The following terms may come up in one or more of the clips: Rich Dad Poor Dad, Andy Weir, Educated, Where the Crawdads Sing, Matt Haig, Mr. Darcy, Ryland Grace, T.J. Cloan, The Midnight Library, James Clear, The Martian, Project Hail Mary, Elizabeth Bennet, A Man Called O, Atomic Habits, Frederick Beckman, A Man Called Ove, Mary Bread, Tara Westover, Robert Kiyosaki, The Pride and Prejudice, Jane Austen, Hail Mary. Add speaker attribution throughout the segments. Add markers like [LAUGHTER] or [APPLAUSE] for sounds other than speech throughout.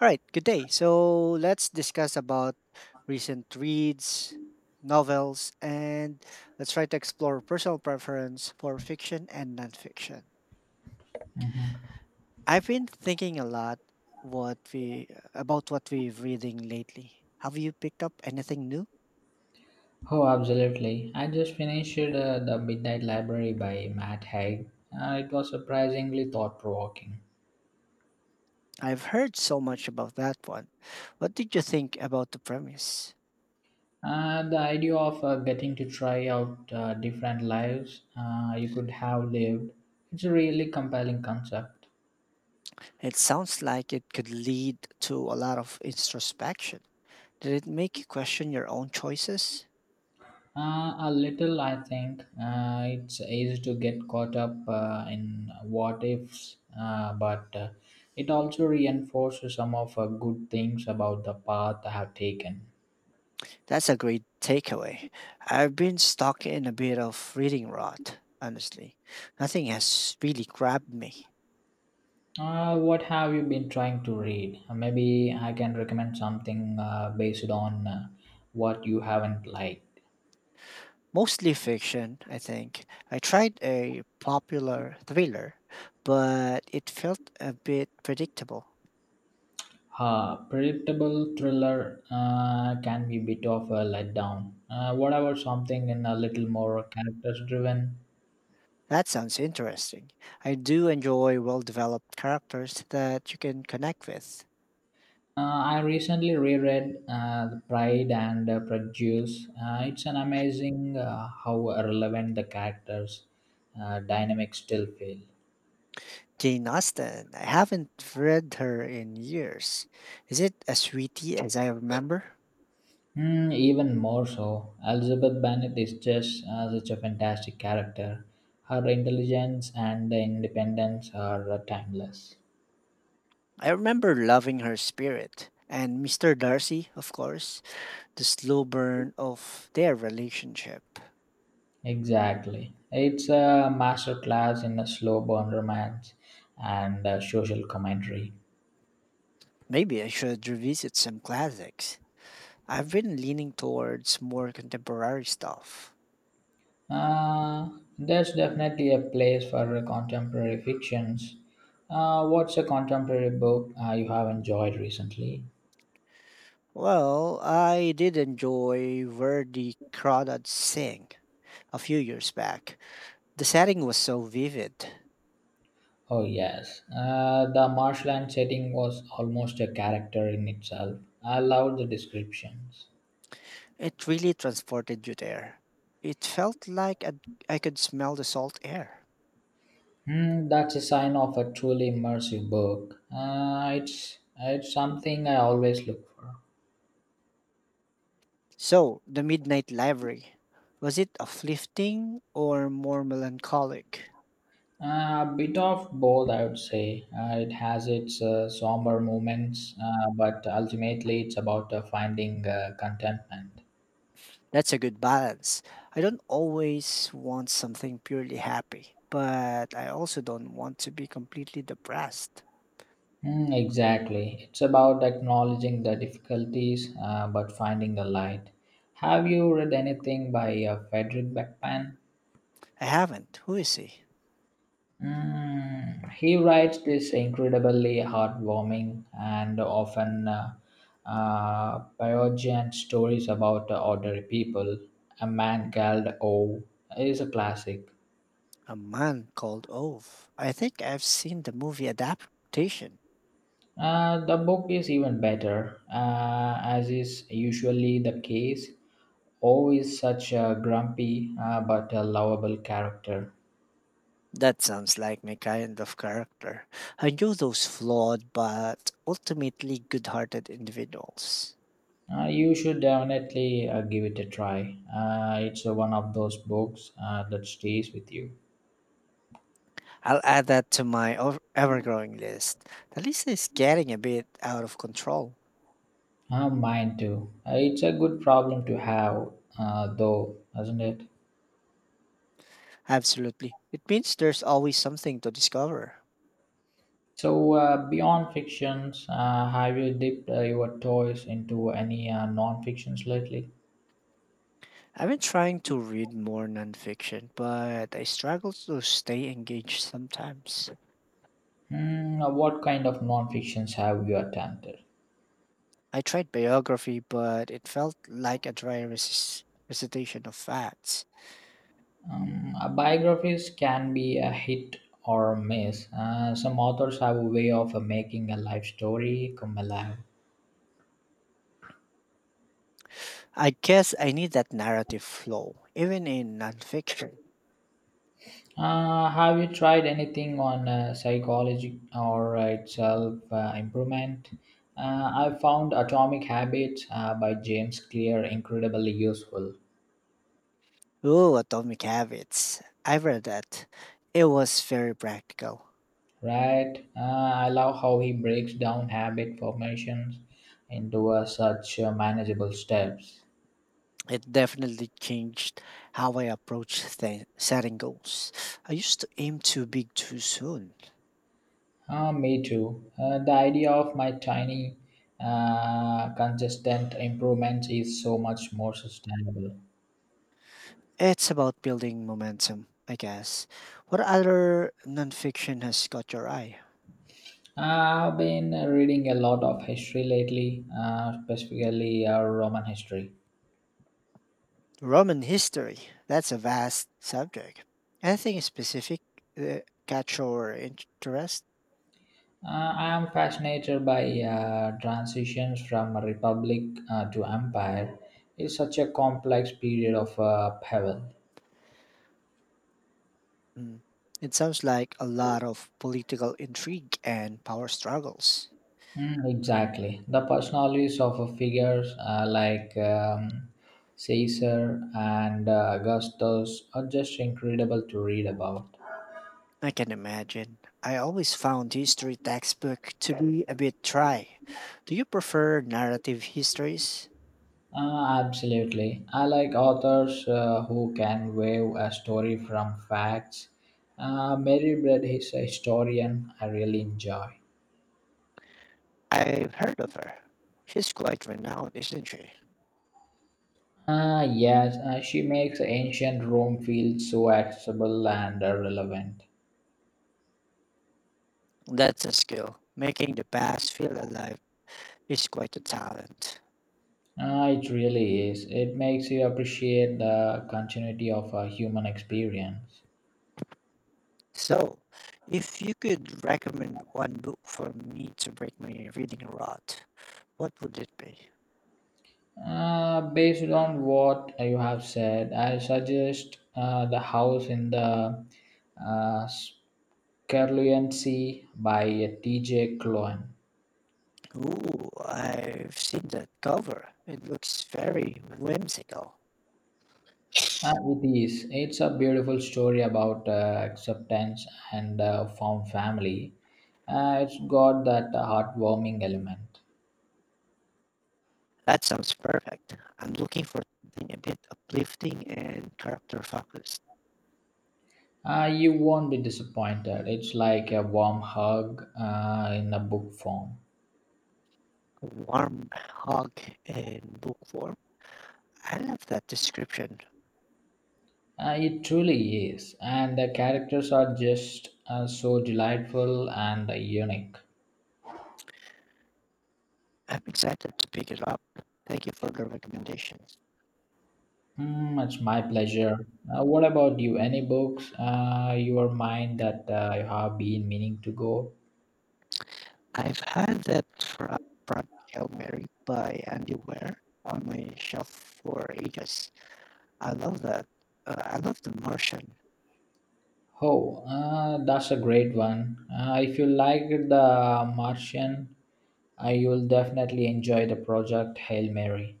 Speaker 1: All right, good day. So let's discuss about recent reads, novels, and let's try to explore personal preference for fiction and nonfiction. I've been thinking a lot what we about what we have reading lately. Have you picked up anything new?
Speaker 2: Oh, absolutely. I just finished The Midnight Library by Matt Haig. It was surprisingly thought provoking.
Speaker 1: I've heard so much about that one. What did you think about the premise?
Speaker 2: The idea of getting to try out different lives you could have lived, it's a really compelling concept.
Speaker 1: It sounds like it could lead to a lot of introspection. Did it make you question your own choices?
Speaker 2: A little, I think, it's easy to get caught up in what ifs, but it also reinforces some of good things about the path I have taken.
Speaker 1: That's a great takeaway. I've been stuck in a bit of reading rot, honestly. Nothing has really grabbed me.
Speaker 2: What have you been trying to read? Maybe I can recommend something based on what you haven't liked.
Speaker 1: Mostly fiction, I think. I tried a popular thriller, but it felt a bit predictable.
Speaker 2: Predictable thriller can be a bit of a letdown. What about something in a little more characters driven?
Speaker 1: That sounds interesting. I do enjoy well developed characters that you can connect with.
Speaker 2: I recently reread The Pride and Prejudice. It's an amazing how relevant the characters' dynamics still feel.
Speaker 1: Jane Austen, I haven't read her in years. Is it as sweetie as I remember?
Speaker 2: Hmm, even more so, Elizabeth Bennet is just such a fantastic character. Her intelligence and independence are timeless.
Speaker 1: I remember loving her spirit and Mr. Darcy, of course, the slow burn of their relationship.
Speaker 2: Exactly. It's a masterclass in a slow burn romance and social commentary.
Speaker 1: Maybe I should revisit some classics. I've been leaning towards more contemporary stuff.
Speaker 2: Uh, there's definitely a place for contemporary fictions. What's a contemporary book you have enjoyed recently?
Speaker 1: Well, I did enjoy Verdi Crawdads Sing a few years back. The setting was so vivid.
Speaker 2: Oh, yes. The marshland setting was almost a character in itself. I loved the descriptions.
Speaker 1: It really transported you there. It felt like I'd- I could smell the salt air.
Speaker 2: Hmm, that's a sign of a truly immersive book. It's something I always look for.
Speaker 1: So, the Midnight Library, was it uplifting or more melancholic?
Speaker 2: A bit of both, I would say. It has its somber moments, but ultimately it's about finding contentment.
Speaker 1: That's a good balance. I don't always want something purely happy, but I also don't want to be completely depressed.
Speaker 2: Mm, exactly. It's about acknowledging the difficulties but finding the light. Have you read anything by Frederick Beckman?
Speaker 1: I haven't. Who is he?
Speaker 2: Mm, he writes this incredibly heartwarming and often poignant stories about ordinary people. A Man Called O is a classic.
Speaker 1: A man called Ove. I think I've seen the movie adaptation.
Speaker 2: The book is even better, as is usually the case. O is such a grumpy but a lovable character.
Speaker 1: That sounds like my kind of character. I knew those flawed but ultimately good hearted individuals.
Speaker 2: You should definitely give it a try. It's one of those books that stays with you.
Speaker 1: I'll add that to my ever-growing list. The list is getting a bit out of control.
Speaker 2: Mine too. It's a good problem to have, though, isn't it?
Speaker 1: Absolutely. It means there's always something to discover.
Speaker 2: So, beyond fictions, have you dipped your toes into any non fictions lately?
Speaker 1: I've been trying to read more nonfiction, but I struggle to stay engaged sometimes.
Speaker 2: Hmm, what kind of non fictions have you attempted?
Speaker 1: I tried biography, but it felt like a dry recitation of facts.
Speaker 2: Biographies can be a hit or miss. Some authors have a way of making a life story come alive.
Speaker 1: I guess I need that narrative flow, even in nonfiction.
Speaker 2: Have you tried anything on psychology or itself improvement? I found Atomic Habits by James Clear incredibly useful.
Speaker 1: Ooh, Atomic Habits. I've read that. It was very practical.
Speaker 2: Right? I love how he breaks down habit formations into such manageable steps.
Speaker 1: It definitely changed how I approach setting goals. I used to aim too big too soon.
Speaker 2: Ah, me too. The idea of my tiny, consistent improvements is so much more sustainable.
Speaker 1: It's about building momentum, I guess. What other nonfiction has caught your eye?
Speaker 2: I've been reading a lot of history lately, specifically Roman history.
Speaker 1: Roman history. That's a vast subject. Anything specific, uh, catch your interest?
Speaker 2: Uh, I am fascinated by transitions from republic to empire. It's such a complex period of upheaval.
Speaker 1: Mm. It sounds like a lot of political intrigue and power struggles.
Speaker 2: Mm, exactly. The personalities of figures like Caesar and Augustus are just incredible to read about.
Speaker 1: I can imagine. I always found history textbook to be a bit dry. Do you prefer narrative histories?
Speaker 2: Absolutely. I like authors who can weave a story from facts. Mary Bread is a historian I really enjoy.
Speaker 1: I've heard of her. She's quite renowned, isn't she?
Speaker 2: Ah, yes, she makes ancient Rome feel so accessible and relevant.
Speaker 1: That's a skill. Making the past feel alive is quite a talent.
Speaker 2: Ah, it really is. It makes you appreciate the continuity of a human experience.
Speaker 1: So, if you could recommend one book for me to break my reading rot, what would it be?
Speaker 2: Based on what you have said, I suggest the house in the uh, Scaruliancy by T.J. Cloan.
Speaker 1: Ooh, I've seen that cover. It looks very whimsical.
Speaker 2: It is. It's a beautiful story about acceptance and found family. It's got that heartwarming element.
Speaker 1: That sounds perfect. I'm looking for something a bit uplifting and character focused.
Speaker 2: You won't be disappointed. It's like a warm hug in a book form.
Speaker 1: Warm hug in book form. I love that description.
Speaker 2: It truly is. And the characters are just so delightful and unique.
Speaker 1: I'm excited to pick it up. Thank you for the recommendations.
Speaker 2: Mm, it's my pleasure. What about you? Any books your mind that you have been meaning to go?
Speaker 1: I've had that Frog Hail Mary by Andy Ware on my shelf for ages. I love that. I love The Martian.
Speaker 2: Oh, that's a great one. If you like The Martian, you'll definitely enjoy the project Hail Mary.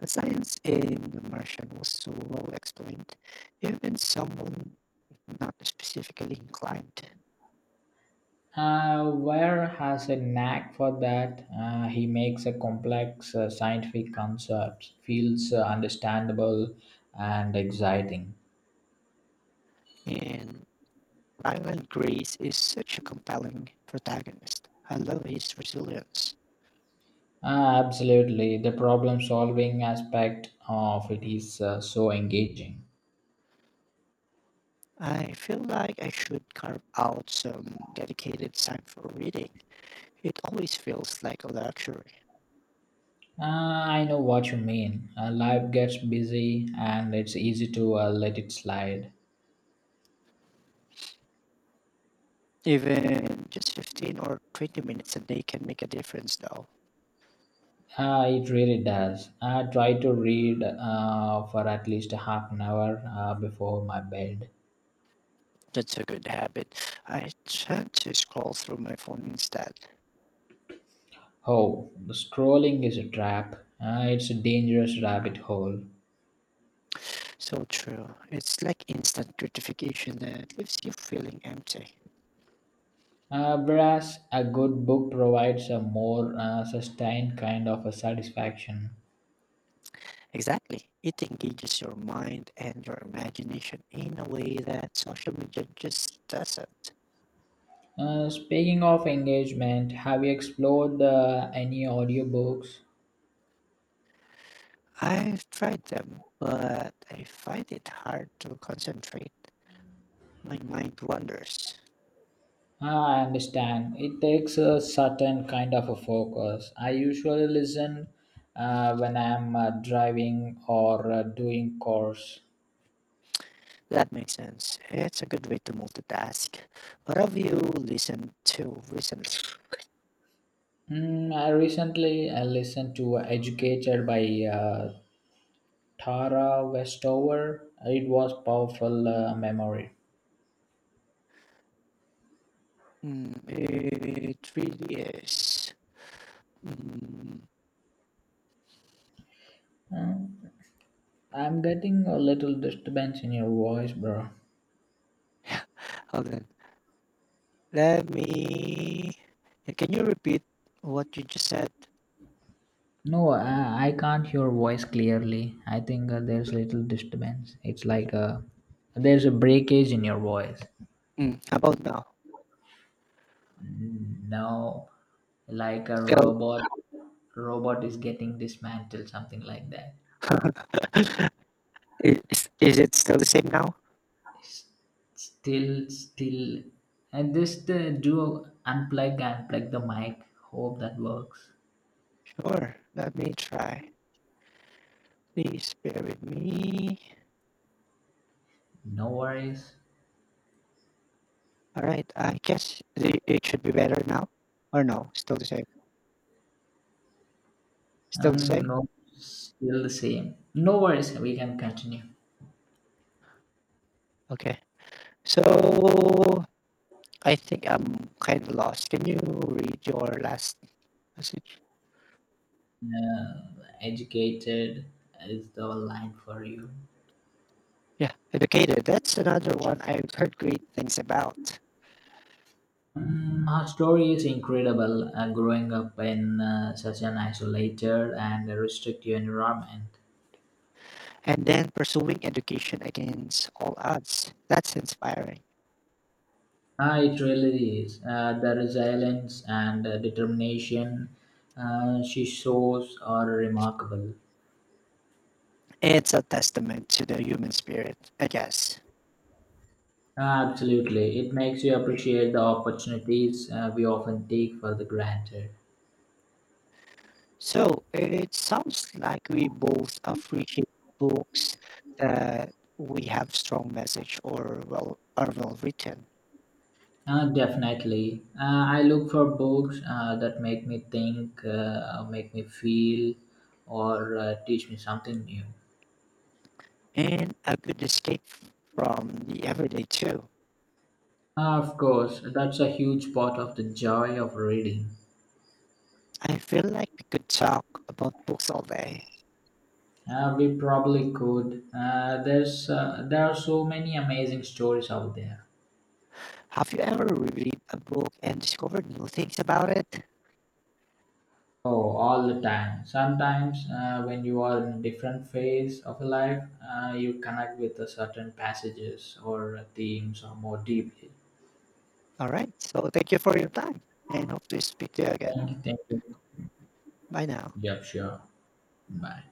Speaker 1: The science in The Martian was so well explained. Even someone not specifically inclined.
Speaker 2: Ware has a knack for that. He makes a complex scientific concept feels understandable and exciting.
Speaker 1: And Ryland Grace is such a compelling protagonist. I love his resilience.
Speaker 2: Absolutely, the problem-solving aspect of it is so engaging.
Speaker 1: I feel like I should carve out some dedicated time for reading. It always feels like a luxury.
Speaker 2: I know what you mean. Life gets busy, and it's easy to let it slide.
Speaker 1: Even just 15 or 20 minutes a day can make a difference, though.
Speaker 2: It really does. I try to read for at least half an hour before my bed.
Speaker 1: That's a good habit. I tend to scroll through my phone instead.
Speaker 2: Oh, the scrolling is a trap. Ah, it's a dangerous rabbit hole.
Speaker 1: So true. It's like instant gratification that leaves you feeling empty.
Speaker 2: Whereas a good book provides a more sustained kind of a satisfaction.
Speaker 1: Exactly. It engages your mind and your imagination in a way that social media just doesn't.
Speaker 2: Speaking of engagement, have you explored any audiobooks?
Speaker 1: I've tried them, but I find it hard to concentrate. My mind wanders.
Speaker 2: Ah, I understand. It takes a certain kind of a focus. I usually listen when I'm driving or doing chores.
Speaker 1: That makes sense. It's a good way to multitask. What have you listened to recently?
Speaker 2: Mm, I recently listened to Educated by uh, Tara Westover. It was powerful memory.
Speaker 1: Mm, it really is. Mm,
Speaker 2: Uh, I'm getting a little disturbance in your voice, bro.
Speaker 1: hold on. Let me, yeah, can you repeat what you just said?
Speaker 2: No, I can't hear voice clearly. I think there's little disturbance. It's like a there's a breakage in your voice.
Speaker 1: Mm. How about now?
Speaker 2: No, like a
Speaker 1: Still,
Speaker 2: robot is getting dismantled, something like that.
Speaker 1: [LAUGHS] is, is it still the same now?
Speaker 2: Still, and just do unplug and plug the mic. Hope that works.
Speaker 1: Sure, let me try. Please bear with me.
Speaker 2: No worries.
Speaker 1: All right, I guess it should be better now. Or no, still the same. Still the same?
Speaker 2: No, still the same. No worries. We can continue.
Speaker 1: Okay. So I think I'm kind of lost. Can you read your last message?
Speaker 2: Uh, educated is the line for you.
Speaker 1: Yeah, educated. That's another one I've heard great things about.
Speaker 2: Mm, her story is incredible. Growing up in such an isolated and restrictive environment,
Speaker 1: And then pursuing education against all odds. That's inspiring.
Speaker 2: ah, it really is. The resilience and determination she shows are remarkable.
Speaker 1: It's a testament to the human spirit, I guess.
Speaker 2: Absolutely. It makes you appreciate the opportunities we often take for the granted.
Speaker 1: So it sounds like we both appreciate books that we have strong message or well are well written,
Speaker 2: Definitely. I look for books that make me think, make me feel, or teach me something new.
Speaker 1: and a good escape from the everyday too.
Speaker 2: Of course, that's a huge part of the joy of reading.
Speaker 1: I feel like we could talk about books all day.
Speaker 2: We probably could. There are so many amazing stories out there.
Speaker 1: Have you ever read a book and discovered new things about it?
Speaker 2: Oh, all the time. Sometimes, when you are in a different phase of your life, you connect with a certain passages or themes or more deeply.
Speaker 1: All right. So thank you for your time and hope to speak to you again.
Speaker 2: Thank you. Thank you.
Speaker 1: Bye now.
Speaker 2: Yep, sure. Bye.